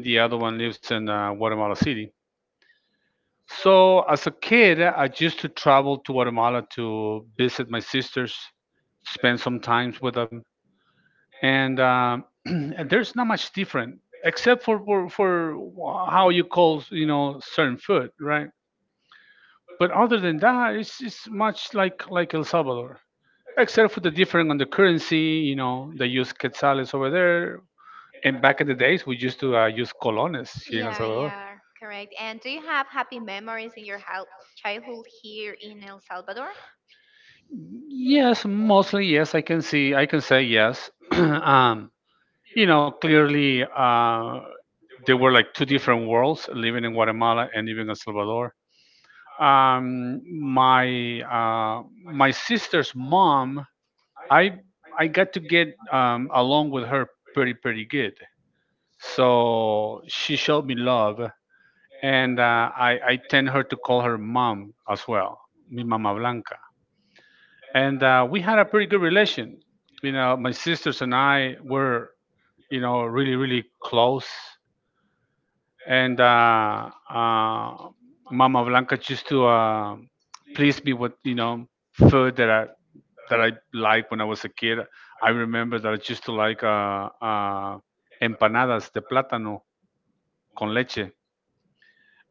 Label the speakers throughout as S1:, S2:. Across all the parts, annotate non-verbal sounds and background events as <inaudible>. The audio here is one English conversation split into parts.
S1: and the other one lives in Guatemala City. So as a kid, I used to travel to Guatemala to visit my sisters, spend some time with them, and, <clears throat> and there's not much different except for, for how you call, you know, certain food, right? But other than that, it's much like El Salvador, except for the different on the currency. You know, they use quetzales over there, and back in the days, we used to use colones here in El
S2: Yeah,
S1: Salvador.
S2: yeah, correct. And do you have happy memories in your childhood here in El Salvador?
S1: Yes, mostly yes. I can see. I can say yes. <clears throat> You know, clearly there were like two different worlds living in Guatemala and living in Salvador. Um, my my sister's mom, I I got to get along with her pretty good. So she showed me love, and I tend her to call her mom as well, mi mamá, and we had a pretty good relation. You know, my sisters and I were, you know, really close. And Mama Blanca used to please me with, you know, food that I liked when I was a kid. I remember that I used to like empanadas de plátano con leche.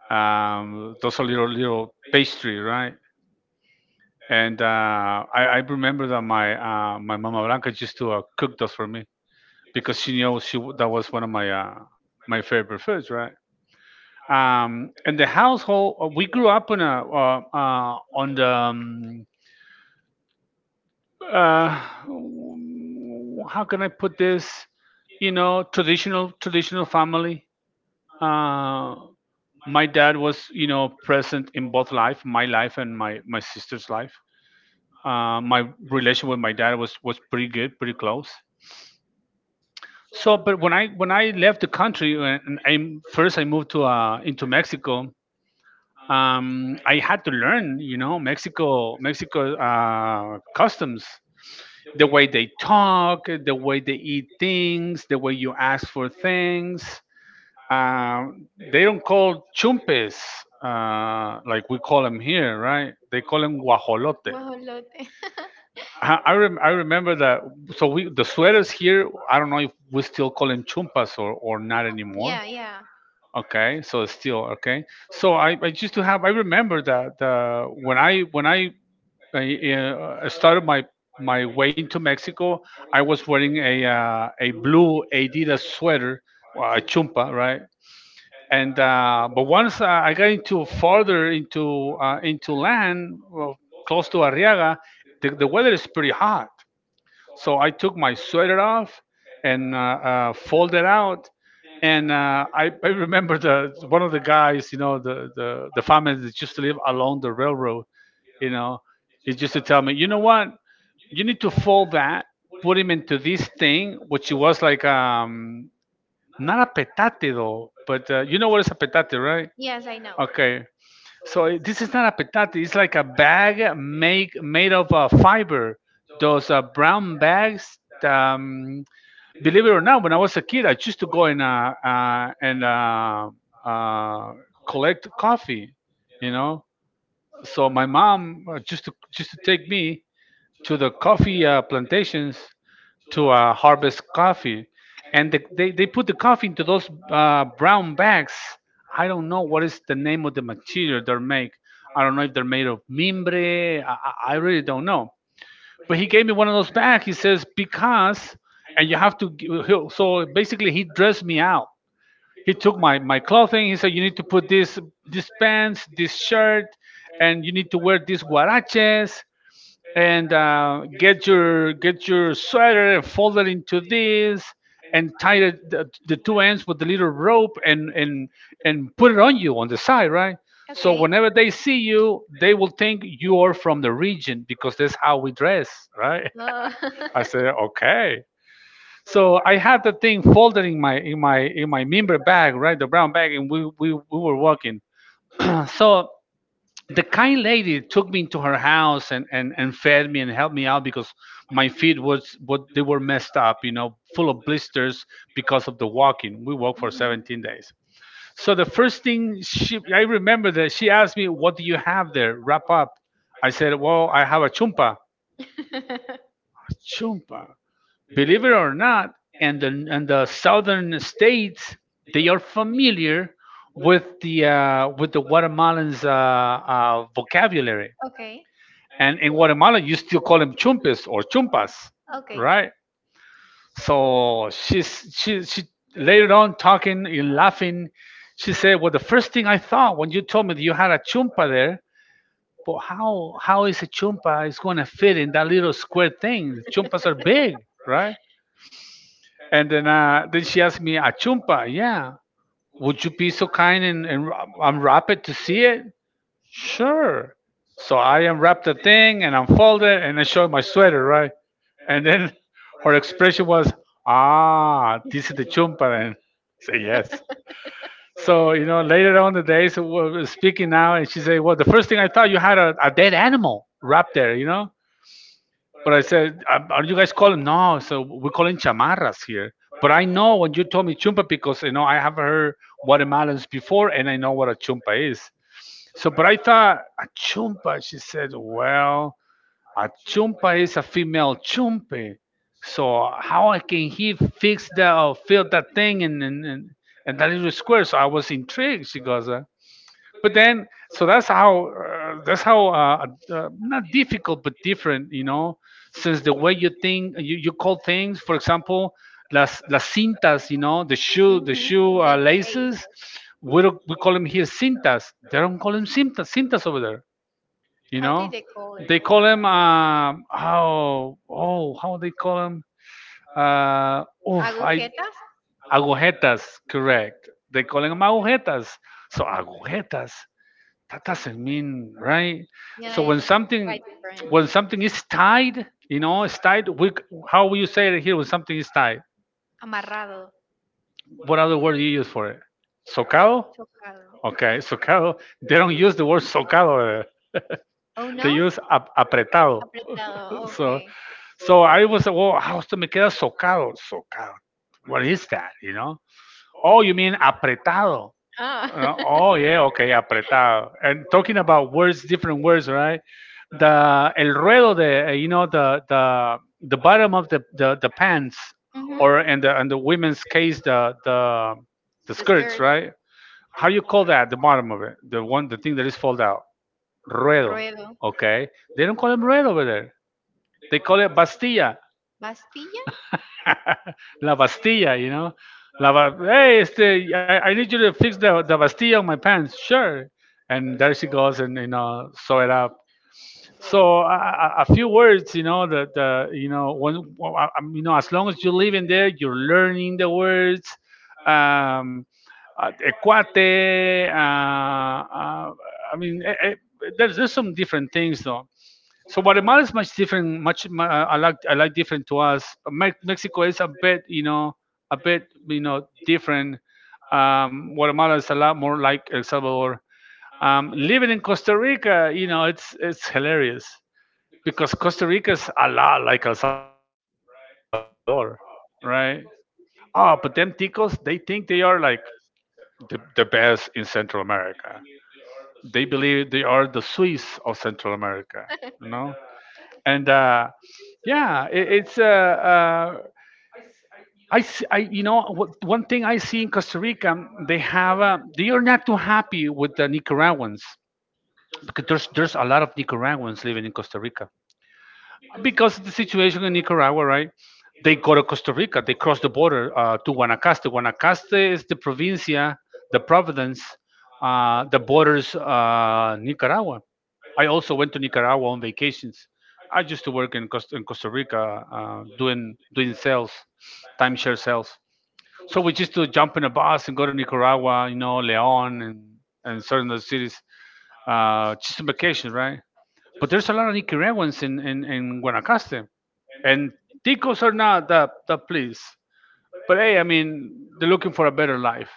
S1: Those are little pastry, right? And I remember that my my mama Blanca used to cook those for me, because she knew that was one of my my favorite foods, right? And the household we grew up in a on the how can I put this? You know, traditional family. Uh, my dad was, you know, present in both life, my life and my sister's life. My relation with my dad was pretty good, pretty close. So, but when I left the country and I first I moved to into Mexico, I had to learn, you know, Mexico customs, the way they talk, the way they eat things, the way you ask for things. They don't call chumpes like we call them here, right? They call them guajolotes.
S2: Guajolote. <laughs>
S1: I remember that. So we the sweaters here. I don't know if we still call them chumpas or not
S2: Oh,
S1: anymore.
S2: yeah, yeah.
S1: Okay, so it's still okay. So I used to have. I remember that when I started my way into Mexico, I was wearing a blue Adidas sweater, a chumpa, right? And but once I got into farther into land, well, close to Arriaga, the weather is pretty hot. So I took my sweater off and folded out. And I remember the one of the guys, you know, the family that used to live along the railroad, you know, he just to tell me, you know what, you need to fold that, put him into this thing, which was like, um, not a petate though, but you know what is a petate, right?
S2: Yes, I know.
S1: Okay, so this is not a petate. It's like a bag make made of fiber. Those brown bags. Um, Believe it or not, when I was a kid, I used to go and uh, collect coffee. You know, so my mom just to take me to the coffee plantations to harvest coffee, and the, they put the coffee into those brown bags. I don't know what is the name of the material they're make. I don't know if they're made of mimbre. I really don't know. But he gave me one of those bags. He says because, and you have to so basically, he dressed me out. He took my clothing. He said you need to put this pants, this shirt, and you need to wear these guaraches and get your sweater and fold it into this and tie it, the two ends with the little rope and and put it on you on the side, right? So
S2: Okay.
S1: whenever they see you they will think you are from the region because that's how we dress, right?
S2: Uh,
S1: <laughs>
S2: <laughs>
S1: I said okay, so I had the thing folded in my in my member bag, right? The brown bag, and we we were walking. So the kind lady took me into her house and, and fed me and helped me out because my feet was what they were messed up, you know, full of blisters because of the walking. We walked for
S2: mhm.
S1: 17 days. So the first thing she I remember that she asked me, "What do you have there? Wrap up." I said, "Well, I have a chumpa." A chumpa. Believe it or not, and the southern states they are familiar with the Guatemalans' vocabulary.
S2: Okay.
S1: And in Guatemala, you still call them chumpes or chumpas,
S2: Okay.
S1: right? So she later on talking and laughing. She said, "Well, the first thing I thought when you told me that you had a chumpa there, but how is a chumpa is going to fit in that little square thing? The chumpas are big, right?" And then she asked me, "A chumpa? Yeah. Would you be so kind and, ra- unwrap it to see it?" Sure. So I unwrapped the thing and unfolded it and I showed my sweater, right? And then <laughs> her expression was, ah, this is the chumpa. And <laughs> say yes. So, you know, later on the day, so we're speaking now and she said, well, the first thing I thought you had a, dead animal wrapped there, you know? But I said, are you guys calling?" No, so we're calling chamarras here. But I know when you told me chumpa because you know I have heard watermelons before, and I know what a chumpa is. So, but I thought a chumpa. She said, "Well, a chumpa is a female chumpe. So how I can he fix that or fill that thing and and that little square?" So I was intrigued. She goes, but then so that's how not difficult but different, you know, since the way you think you, you call things, for example, las cintas, you know, the
S2: Mhm.
S1: shoe
S2: Yeah, the days.
S1: laces, we don't, we call them here cintas, they don't call them cintas over there, you
S2: How
S1: know,
S2: did they call it?
S1: they call them, um, oh oh, how they call them, uh, oof, I
S2: Agujetas?
S1: agujetas, correct, they call them agujetas, so agujetas that doesn't mean, right? So
S2: Yeah,
S1: when
S2: it's
S1: something,
S2: quite different.
S1: is tied, you know, it's tied, how will you say it here when something is tied,
S2: Amarrado.
S1: what other word do you use for it? Socado.
S2: Socado.
S1: Okay, socado they don't use the word socado there.
S2: Oh
S1: They
S2: no?
S1: use apretado.
S2: Apretado, So-
S1: So
S2: okay.
S1: so I was, well, how's to me queda socado, socado, what is that, you know? Oh, you mean apretado?
S2: Ah. <laughs>
S1: Oh, yeah, okay, apretado. And talking about words, different words, right? The el ruedo de, you know, the bottom of the pants,
S2: Ujú.
S1: or in the women's case the
S2: The
S1: skirts,
S2: skirt,
S1: right? How do you call that? The bottom of it, the thing that is fold out, ruedo.
S2: ruedo.
S1: Okay, they don't call it ruedo over there. They call it bastilla.
S2: Bastilla?
S1: <laughs> La Bastilla, you know. Hey, este, I need you to fix the, Bastilla on my pants. Sure. And there she goes, and you know, sew it up. So a few words, you know, that you know, when I'm- you know, as long as you live in there, you're learning the words. Um, Equate. Uh, uh, I mean, there's some different things though. So Guatemala is much different. I like, I like different to us. Mexico is a bit, a bit, different. Guatemala is a lot more like El Salvador. Living in Costa Rica, it's hilarious because Costa Rica is a lot like El Salvador, right? Oh, but them ticos, they think they are like the best in Central America. They believe they are the Swiss of Central America, you know? And yeah, you know what, one thing I see in Costa Rica, they have, they are not too happy with the Nicaraguans because there's a lot of Nicaraguans living in Costa Rica because of the situation in Nicaragua, right? They go to Costa Rica. They cross the border to Guanacaste. Guanacaste is the provincia, the province that borders Nicaragua. I also went to Nicaragua on vacations. I used to work in Costa Rica doing sales, timeshare sales. So we used to jump in a bus and go to Nicaragua, Leon and certain other cities, just on vacation, right? But there's a lot of Nicaraguans in Guanacaste. And ticos are not that place. But hey, I mean, they're looking for a better life.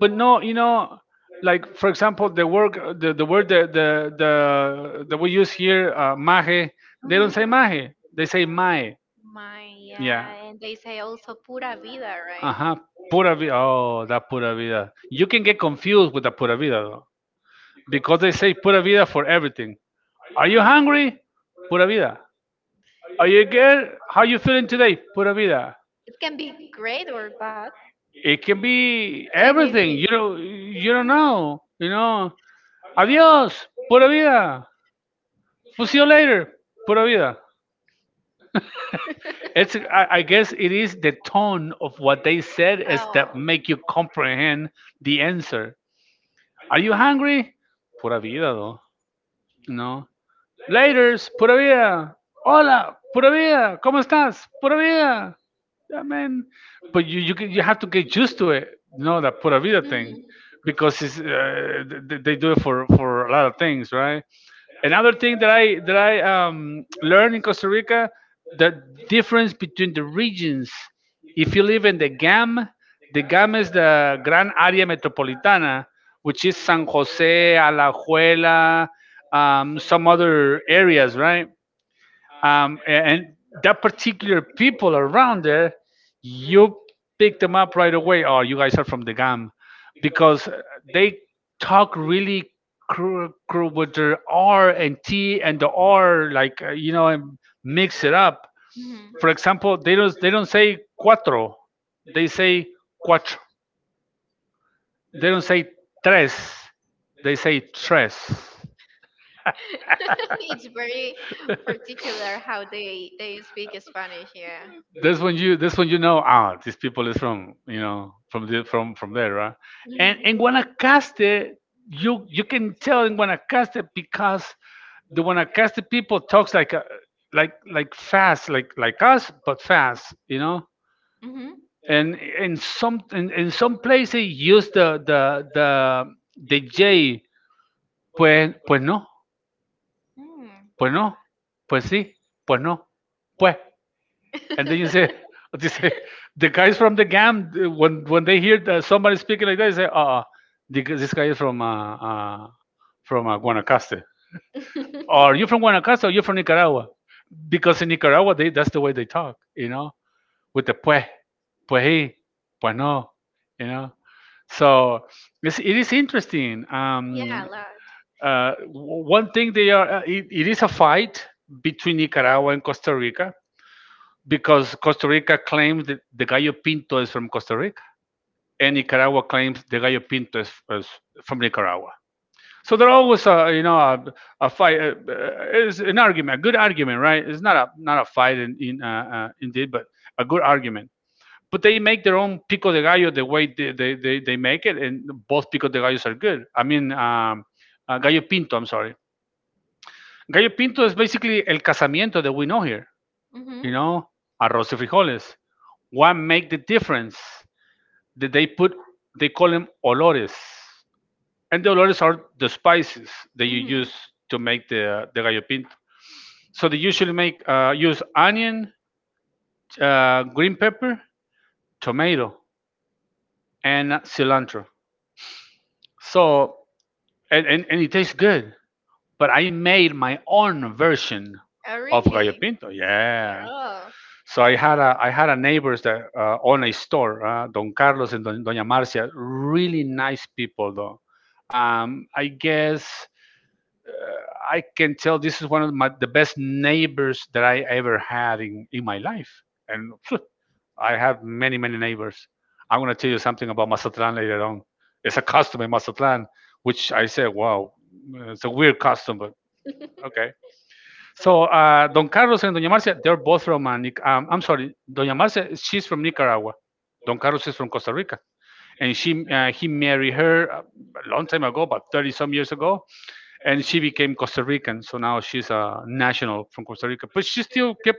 S1: But no, like for example, the word that the that we use here, maje. They don't
S2: Hmm.
S1: say maje. They say mae. Yeah.
S2: Maya, and they say also pura vida,
S1: Uh
S2: right?
S1: huh. Pura vida. Oh, that pura vida. You can get confused with the pura vida though, because they say pura vida for everything. Are you hungry? Pura vida. Are you good? How you feeling today? Pura vida.
S2: It can be great or bad,
S1: It can be everything. You
S2: anything.
S1: don't you don't know. You know. Adios. Pura vida. We'll see you later. Pura vida. It's I guess it is the tone of what they said is
S2: Oh.
S1: that make you comprehend the answer. Are you hungry? Pura vida though. No. Laters, pura vida. Hola, pura vida. ¿Cómo estás? Pura vida. I mean, but you have to get used to it. You know that pura vida thing,
S2: Hmm.
S1: because they do it for a lot of things, right? Another thing that I learned in Costa Rica, the difference between the regions. If you live in the GAM is the Gran Área Metropolitana, which is San Jose, Alajuela, some other areas, right? And that particular people around there, you pick them up right away. Oh, you guys are from the GAM, because they talk really with their R and T and the R, like and mix it up.
S2: Hmm.
S1: For example, they don't say cuatro. They don't say tres, they say tres.
S2: <laughs> It's very particular how they speak Spanish, yeah.
S1: That's when you know, ah, these people is from from from there, right.
S2: Mm-hmm.
S1: And in Guanacaste, you can tell in Guanacaste because the Guanacaste people talks like like fast, like us but fast, you know.
S2: Mm-hmm.
S1: And in some places use the J, pues, pues no, pues no, pues sí, pues no pues. And then <laughs> you say the guys from the GAM, when they hear that somebody speaking like that, they say, This guy is from Guanacaste, or you're from Guanacaste, or you're from Nicaragua." Because in Nicaragua, they that's the way they talk, you know, with the pues, pues he, pues no, you know. So it is interesting.
S2: Yeah, a lot.
S1: One thing it is a fight between Nicaragua and Costa Rica because Costa Rica claims that the gallo pinto is from Costa Rica, and Nicaragua claims the gallo pinto is from Nicaragua. So they're always, a fight. Is an argument, a good argument, right? It's not a fight in indeed, but a good argument. But they make their own pico de gallo the way they make it, and both pico de gallos are good. I mean, gallo pinto. I'm sorry, gallo pinto is basically el casamiento that we know here. You know, arroz y frijoles, what make the difference that they put, they call them olores, and the olores are the spices that you
S2: Mm-hmm.
S1: use to make the gallo pinto. So they usually make use onion, green pepper, tomato, and cilantro. So and it tastes good. But I made my own version
S2: Oh,
S1: of gallo
S2: really?
S1: pinto. Yeah.
S2: Oh.
S1: So I had a neighbors that own a store, Don Carlos and Doña Marcia, really nice people though. I guess, uh, I can tell this is one of the best neighbors that I ever had in my life, and phew, I have many many neighbors. I'm gonna tell you something about Mazatlan later on. It's a custom in Mazatlan, which I said, wow, it's a weird custom, but okay. So Don Carlos and Doña Marcia, they're both from I'm sorry, Doña Marcia, she's from Nicaragua. Don Carlos is from Costa Rica, and she he married her a long time ago, about 30 some years ago, and she became Costa Rican. So now she's a national from Costa Rica, but she still kept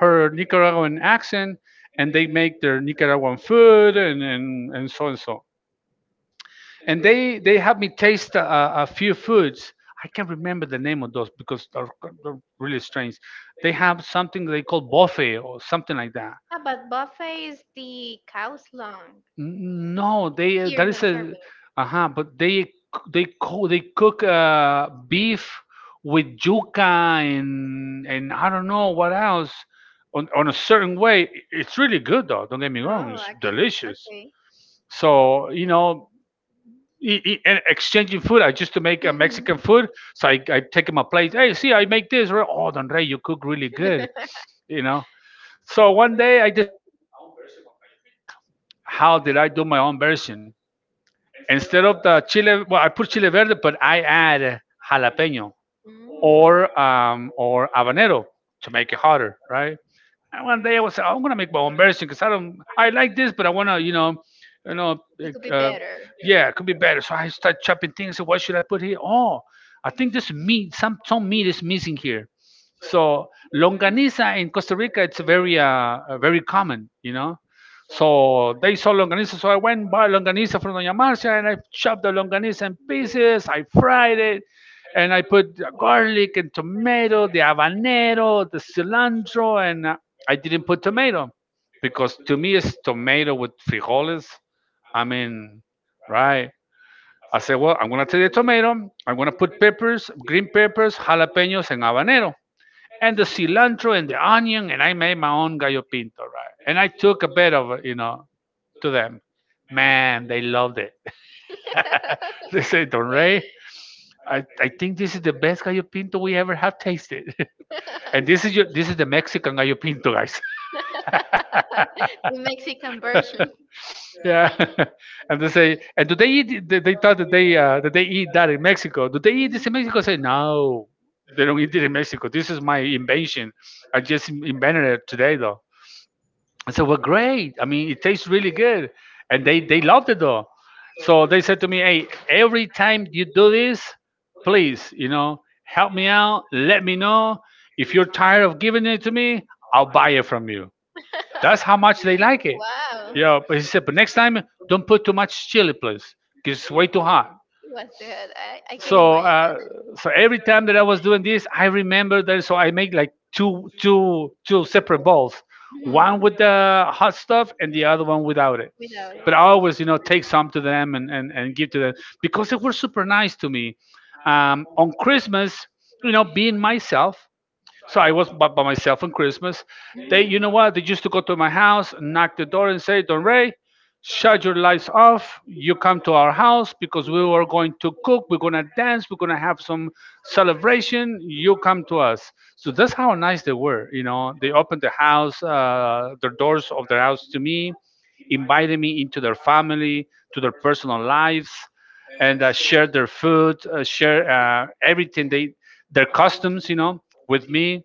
S1: her Nicaraguan accent, and they make their Nicaraguan food and so and so, and they had me taste a few foods. I can't remember the name of those because they're really strange. They have something they call buffet or something like that.
S2: But buffet is the cow's lung?
S1: No, they
S2: Here
S1: that
S2: in
S1: is
S2: El
S1: a
S2: Salvador.
S1: uh-huh, but they cook beef with yuca and I don't know what else on a certain way. It's really good though. Don't get me wrong,
S2: Oh,
S1: it's
S2: actually.
S1: delicious.
S2: Okay.
S1: So you know, and exchanging food. I used to make
S2: Mhm.
S1: Mexican food, so I take my plate. Hey, see, I make this, right? Oh, Don Rey, you cook really good, you know. So one day I decided to make my own version of gallo pinto. How did I do my own version? Instead of the chile, well, I put chile verde, but I add jalapeno
S2: Mm.
S1: or habanero to make it hotter, right? And one day I'm gonna make my own version because I don't, I like this, but I wanna, you know,
S2: It
S1: uh,
S2: could be
S1: uh,
S2: better.
S1: yeah, it could be better. So I start chopping things. So what should I put here? Oh, I think this meat, some meat is missing here. So longaniza in Costa Rica, it's very very common, you know. So they saw longaniza, so I went and bought longaniza from Doña Marcia, and I chopped the longaniza in pieces. I fried it, and I put garlic and tomato, the habanero, the cilantro, and I didn't put tomato because to me it's tomato with frijoles. I mean, right? I said, well, I'm gonna take the tomato. I'm gonna put peppers, green peppers, jalapenos, and habanero, and the cilantro and the onion, and I made my own gallo pinto, right? And I took a bit it, to them. Man, they loved it. <laughs> They said, "Don Ray, I think this is the best gallo pinto we ever have tasted." <laughs> And this is the Mexican gallo pinto, guys.
S2: <laughs> The Mexican version.
S1: Yeah. <laughs> And they say, and do they eat? They thought that they eat that in Mexico. Do they eat this in
S2: Mhm.
S1: Mexico? Say no, they don't eat it in Mexico. This is my invention. I just invented it today, though. I said, well, great. I mean, it tastes really good, and they loved it though. So they said to me, "Hey, every time you do this, please, help me out. Let me know if you're tired of giving it to me. I'll buy it from you." That's how much they like it.
S2: Wow.
S1: Yeah, but he said, "But next time, don't put too much chili, please, because it's way too hot."
S2: It was good. I can
S1: So,
S2: imagine
S1: uh,
S2: that.
S1: so every time that I was doing this, I remember that. So I make like two separate bowls,
S2: Mhm.
S1: one with the hot stuff and the other one without it.
S2: Without it.
S1: But I always, take some to them and give to them because they were super nice to me. On Christmas, being myself, so I was by myself on Christmas. They, you know what? They used to go to my house, and knock the door, and say, "Don Ray, shut your lights off. You come to our house because we were going to cook. We're gonna dance. We're gonna have some celebration. "You come to us." So that's how nice they were. You know, they opened the house, the doors of their house to me, invited me into their family, to their personal lives, and shared their food, share everything they, their customs, you know, with me,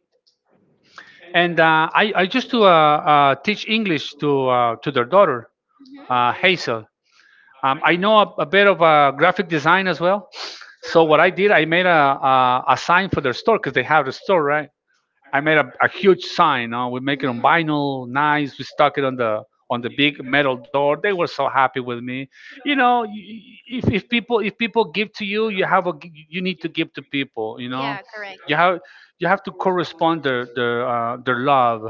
S1: and I used to teach English to their daughter, Hazel. I know a bit of graphic design as well. So what I did, I made a sign for their store because they have the store, right? I made a huge sign. We make it on vinyl, nice. We stuck it on the big metal door. They were so happy with me. You know, if people give to you, you have you need to give to people. You know,
S2: Yeah, correct.
S1: you have you have to correspond their love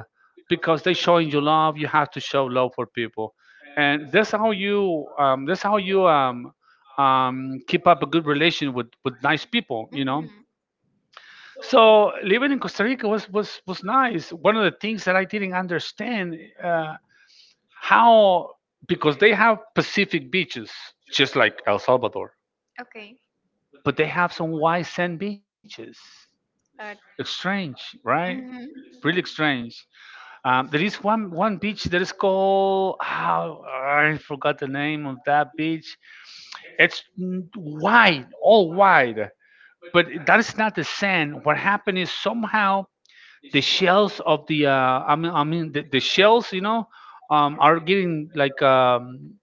S1: because they showing you love. You have to show love for people, and that's how you keep up a good relation with nice people. You know,
S2: Hmm.
S1: so living in Costa Rica was was nice. One of the things that I didn't understand uh, how, because they have Pacific beaches just like El Salvador,
S2: Okay.
S1: but they have some white sand beaches. It's
S2: Uh,
S1: strange, right?
S2: hmm.
S1: Really strange. There is one beach that is called, how, I forgot the name of that beach. It's wide, all wide, but that is not the sand. What happened is somehow the shells of the, I mean, the shells, you know, are getting like,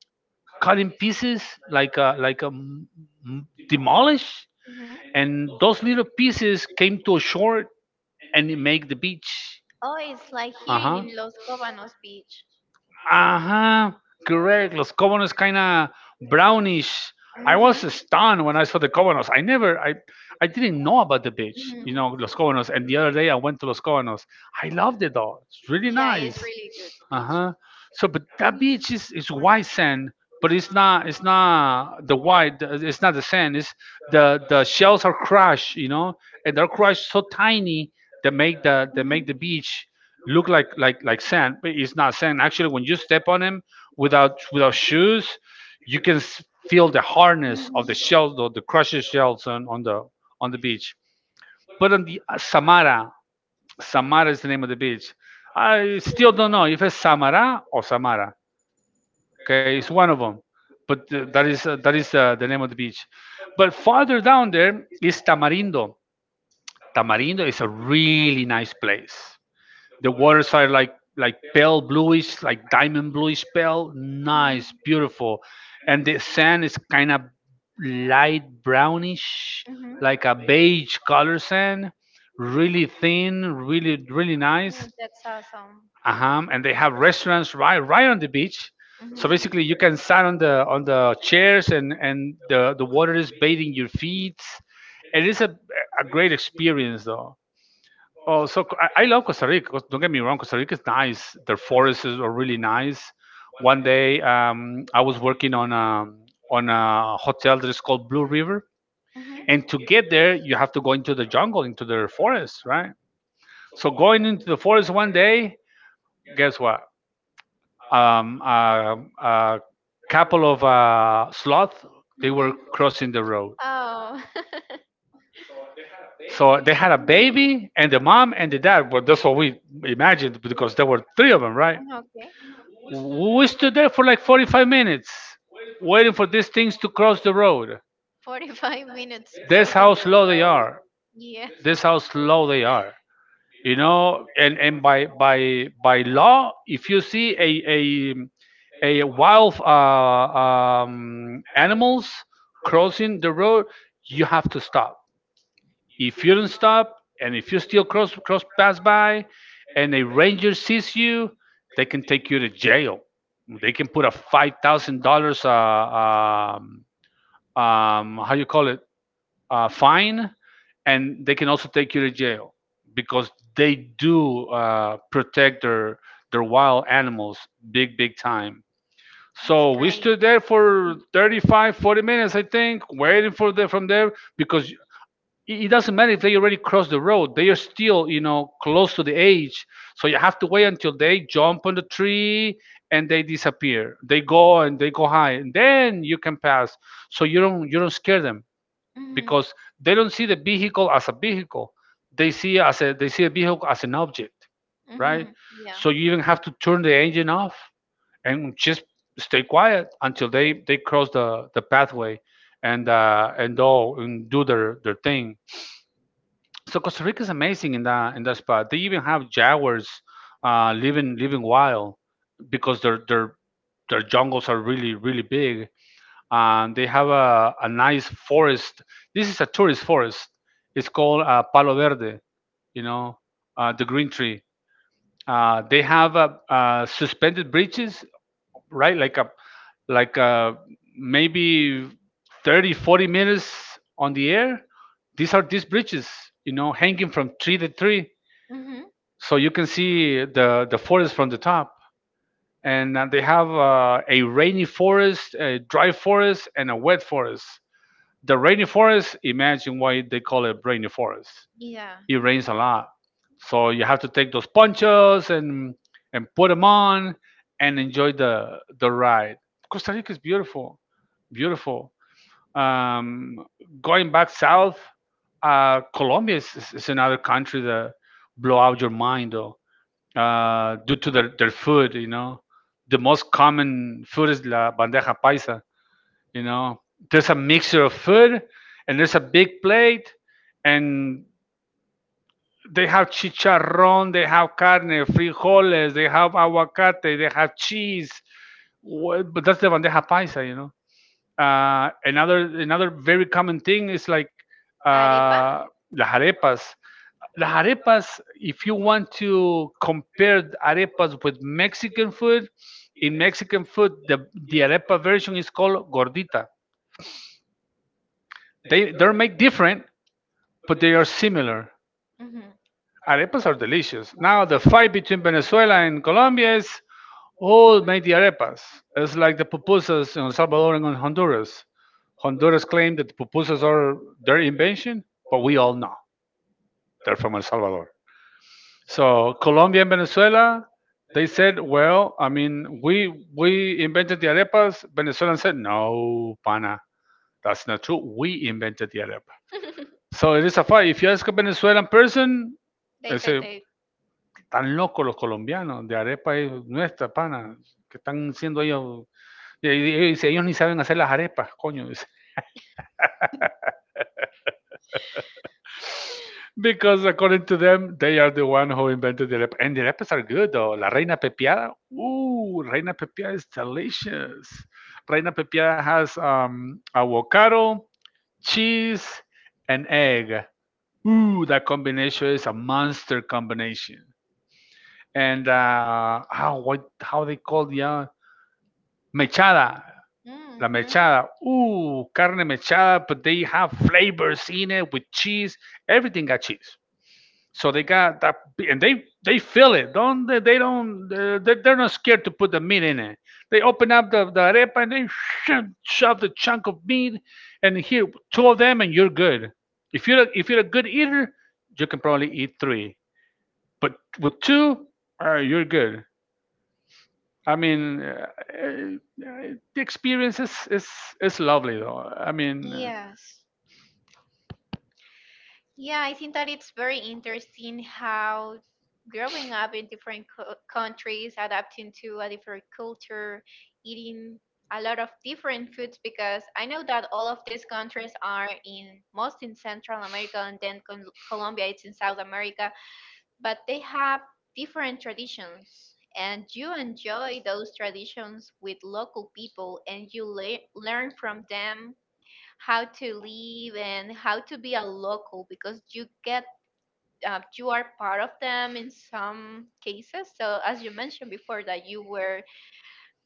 S1: cut in pieces, like demolished,
S2: Hmm.
S1: and those little pieces came to a shore and it make the beach,
S2: Oh, it's like here
S1: uh-huh,
S2: in Los Cobanos Beach.
S1: ajá, correct, Los Cobanos, kind of brownish. I was
S2: Hmm.
S1: stunned when I saw the Cobanos. I never, I didn't know about the beach, you
S2: Hmm.
S1: know, Los Cobanos. And the other day I went to Los Cobanos. I loved it though. It's really
S2: Yeah, it's
S1: nice.
S2: really good
S1: Uh
S2: beach.
S1: huh. So, but that beach is white sand, but it's not the white. It's not the sand. It's the shells are crushed, you know, and they're crushed so tiny that make the,
S2: Hmm.
S1: beach look like, sand, but it's not sand. Actually, when you step on them without shoes, you can feel the hardness
S2: Hmm.
S1: of the shells, the crushed shells on the beach. But on the Samara, Samara is the name of the beach. I still don't know if it's Samara or Samara. Okay, it's one of them. But that is the name of the beach. But farther down there is Tamarindo. Tamarindo is a really nice place. The waters are like, pale bluish, like diamond bluish pale.
S2: Hmm.
S1: Nice, beautiful. And the sand is kind of light brownish,
S2: Hmm.
S1: like a beige color sand. Really thin, really nice.
S2: Oh, that's awesome.
S1: Uh-huh. And they have restaurants right on the beach.
S2: Mm-hmm.
S1: So basically, you can
S2: Mm-hmm.
S1: sit on the chairs, and the water is bathing your feet. It is a great experience though. Oh, so I love Costa Rica. 'Cause Don't get me wrong, Costa Rica is nice. Their forests are really nice. One day, I was working on a, hotel that is called Blue River, and to get there, you have to go into the jungle, into the forest, right? So going into the forest one day, guess what? A couple of sloth, they were
S2: Mm-hmm.
S1: crossing the road.
S2: Oh. <laughs>
S1: So they had a baby and the mom and the dad. Well, that's what we imagined because there were three of them, right?
S2: Mhm. Okay.
S1: We stood there for like 45 minutes waiting for these things to cross the road.
S2: 45 minutes
S1: That's how
S2: crossing the
S1: slow they
S2: road.
S1: are.
S2: Yeah,
S1: That's how slow they are. You know, and by law, if you see a wild, animals crossing the road, you have to stop. If you don't stop and if you still cross pass by and a ranger sees you, they can take you to jail. They can put a 5,000 dollars, how you call it, fine, and they can also take you to jail because they do protect their wild animals, big time.
S2: that's
S1: So
S2: <laughs>
S1: we
S2: great.
S1: stood there for 35, 40 minutes, I think, waiting for the from there, because it doesn't matter if they already crossed the road. They are still, you know, close to the age, so you have to wait until they jump on the tree and they disappear. They go, and they go high, and then you can pass, so you don't scare them,
S2: Mm-hmm.
S1: because they don't see the vehicle as a vehicle. They see a vehicle as an object, right?
S2: Mm-hmm. Yeah.
S1: So you even have to turn the engine off and just stay quiet until they cross the pathway, and do their thing, so Costa Rica is amazing in that spot. They even have jaguars living wild, because their jungles are really big. And they have a nice forest. This is a tourist forest. It's called Palo Verde. You know, the green tree. They have suspended bridges, right, like a maybe 30, 40 minutes on the air. These are these bridges, you know, hanging from tree to tree,
S2: Mm-hmm.
S1: so you can see the forest from the top, and they have a rainy forest, a dry forest, and a wet forest. The rainy forest, imagine why they call it rainy forest,
S2: Yeah.
S1: it rains a lot. So you have to take those ponchos and put them on and enjoy the ride. Costa Rica is beautiful, beautiful. Um, Going back south, Colombia is, is another country that blow out your mind though, due to their, food. You know, the most common food is la bandeja paisa. You know, there's a mixture of food and there's a big plate and they have chicharrón, they have carne, frijoles, they have aguacate, they have cheese. But that's the bandeja paisa, you know. Another very common thing is like
S2: Arepa?
S1: uh, las arepas. Las arepas, if you want to compare the arepas with Mexican food, in Mexican food, the, arepa version is called gordita. They're made different, but they are similar.
S2: Mm-hmm.
S1: Arepas are delicious. Now the fight between Venezuela and Colombia is who made the arepas. It's like the pupusas in El Salvador and in Honduras. Honduras claim that the pupusas are their invention, but we all know they're from El Salvador. So Colombia and Venezuela, they said, well, I mean, we invented the arepas. Venezuela said, no, pana, that's not true. We invented the arepa. So it is a fight. If you ask a Venezuelan person, they
S2: They
S1: say,
S2: said they.
S1: tan locos los colombianos de arepa es nuestra, pana, que están siendo ellos, y, y dice, ellos ni saben hacer las arepas, coño, dice. <laughs> Because according to them, they are the one who invented the arepa. And the arepas are good, though. La reina pepiada, ooh, reina pepiada is delicious. Reina pepiada has avocado, cheese, and egg. Ooh, that combination is a monster combination. And how they call the mechada? La
S2: Mm-hmm.
S1: mechada. Ooh, carne mechada, but they have flavors in it with cheese. Everything got cheese. So they got that, and they feel it. Don't they? They don't. They're not scared to put the meat in it. They open up the, arepa, and they shove the chunk of meat, and here two of them, and you're good. If you're a good eater, you can probably eat three. But with two, you're good. I mean, uh, the experience is, is lovely though. I mean,
S2: Yes. Yeah, I think that it's very interesting how growing up in different countries, adapting to a different culture, eating a lot of different foods, because I know that all of these countries are in most in Central America and then Colombia, it's in South America, but they have different traditions. And you enjoy those traditions with local people and you learn from them how to live and how to be a local because you get you are part of them in some cases, so as you mentioned before that you were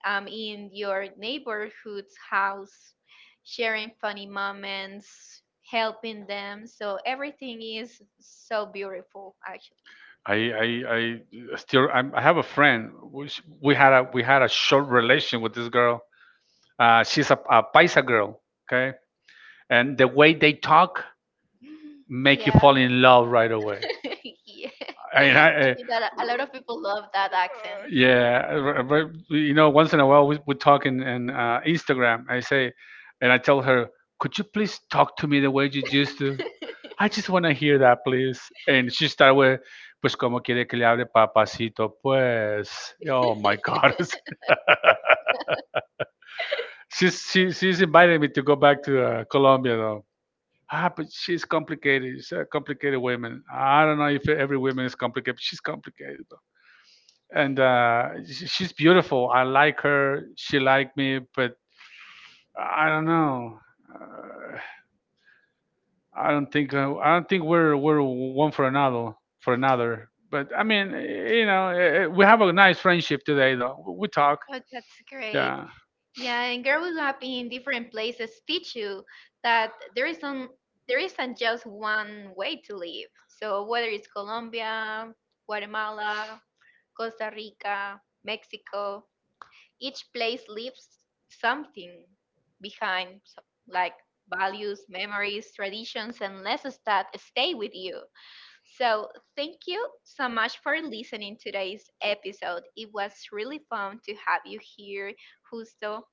S2: in your neighborhood's house sharing funny moments helping them, so everything is so beautiful actually.
S1: I, I, I have a friend, which we had a short relation with this girl. She's a, Paisa girl. Okay, and the way they talk
S2: Thank you.
S1: make you
S2: Yeah. So
S1: fall in love right away. <laughs>
S2: much. <laughs> Yeah,
S1: I mean,
S2: I think that a lot of people love that accent.
S1: yeah, you know, once in a while we talk in, Instagram. I say, and I tell her, could you please talk to me the way you used to? I just want to hear that, please. And she started with, pues, ¿cómo quiere que le hable papacito? Pues, oh my God. <laughs> She's invited me to go back to Colombia, though. Ah, but she's complicated. She's a complicated woman. I don't know if every woman is complicated, but she's complicated. And she's beautiful. I like her. She liked me, but I don't know. Uh, I don't think, we're one for another. But I mean, we have a nice friendship today, though. We talk.
S2: Oh, that's great.
S1: Yeah,
S2: Yeah, and growing up in different places teach you that there isn't just one way to live. So whether it's Colombia, Guatemala, Costa Rica, Mexico, each place leaves something behind, like values, memories, traditions, and lessons that stay with you. So thank you so much for listening to today's episode. It was really fun to have you here, Justo,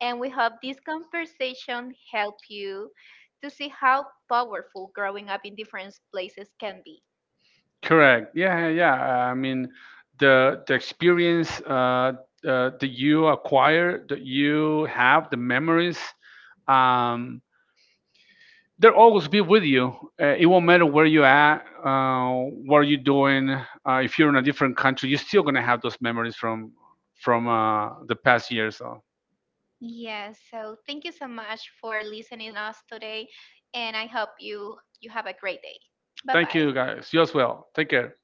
S2: and we hope this conversation help you to see how powerful growing up in different places can be.
S1: correct. Yeah, yeah, yeah. I mean, the experience, that you acquire, that you have, the memories. Um, they'll always be with you. It won't matter where you're at, what you're doing. If you're in a different country, you're still gonna have those memories from the past years. So
S2: Yes, so thank you so much for listening us today, and I hope you have a great day.
S1: thank
S2: Bye-bye.
S1: you guys. You as well. Take care.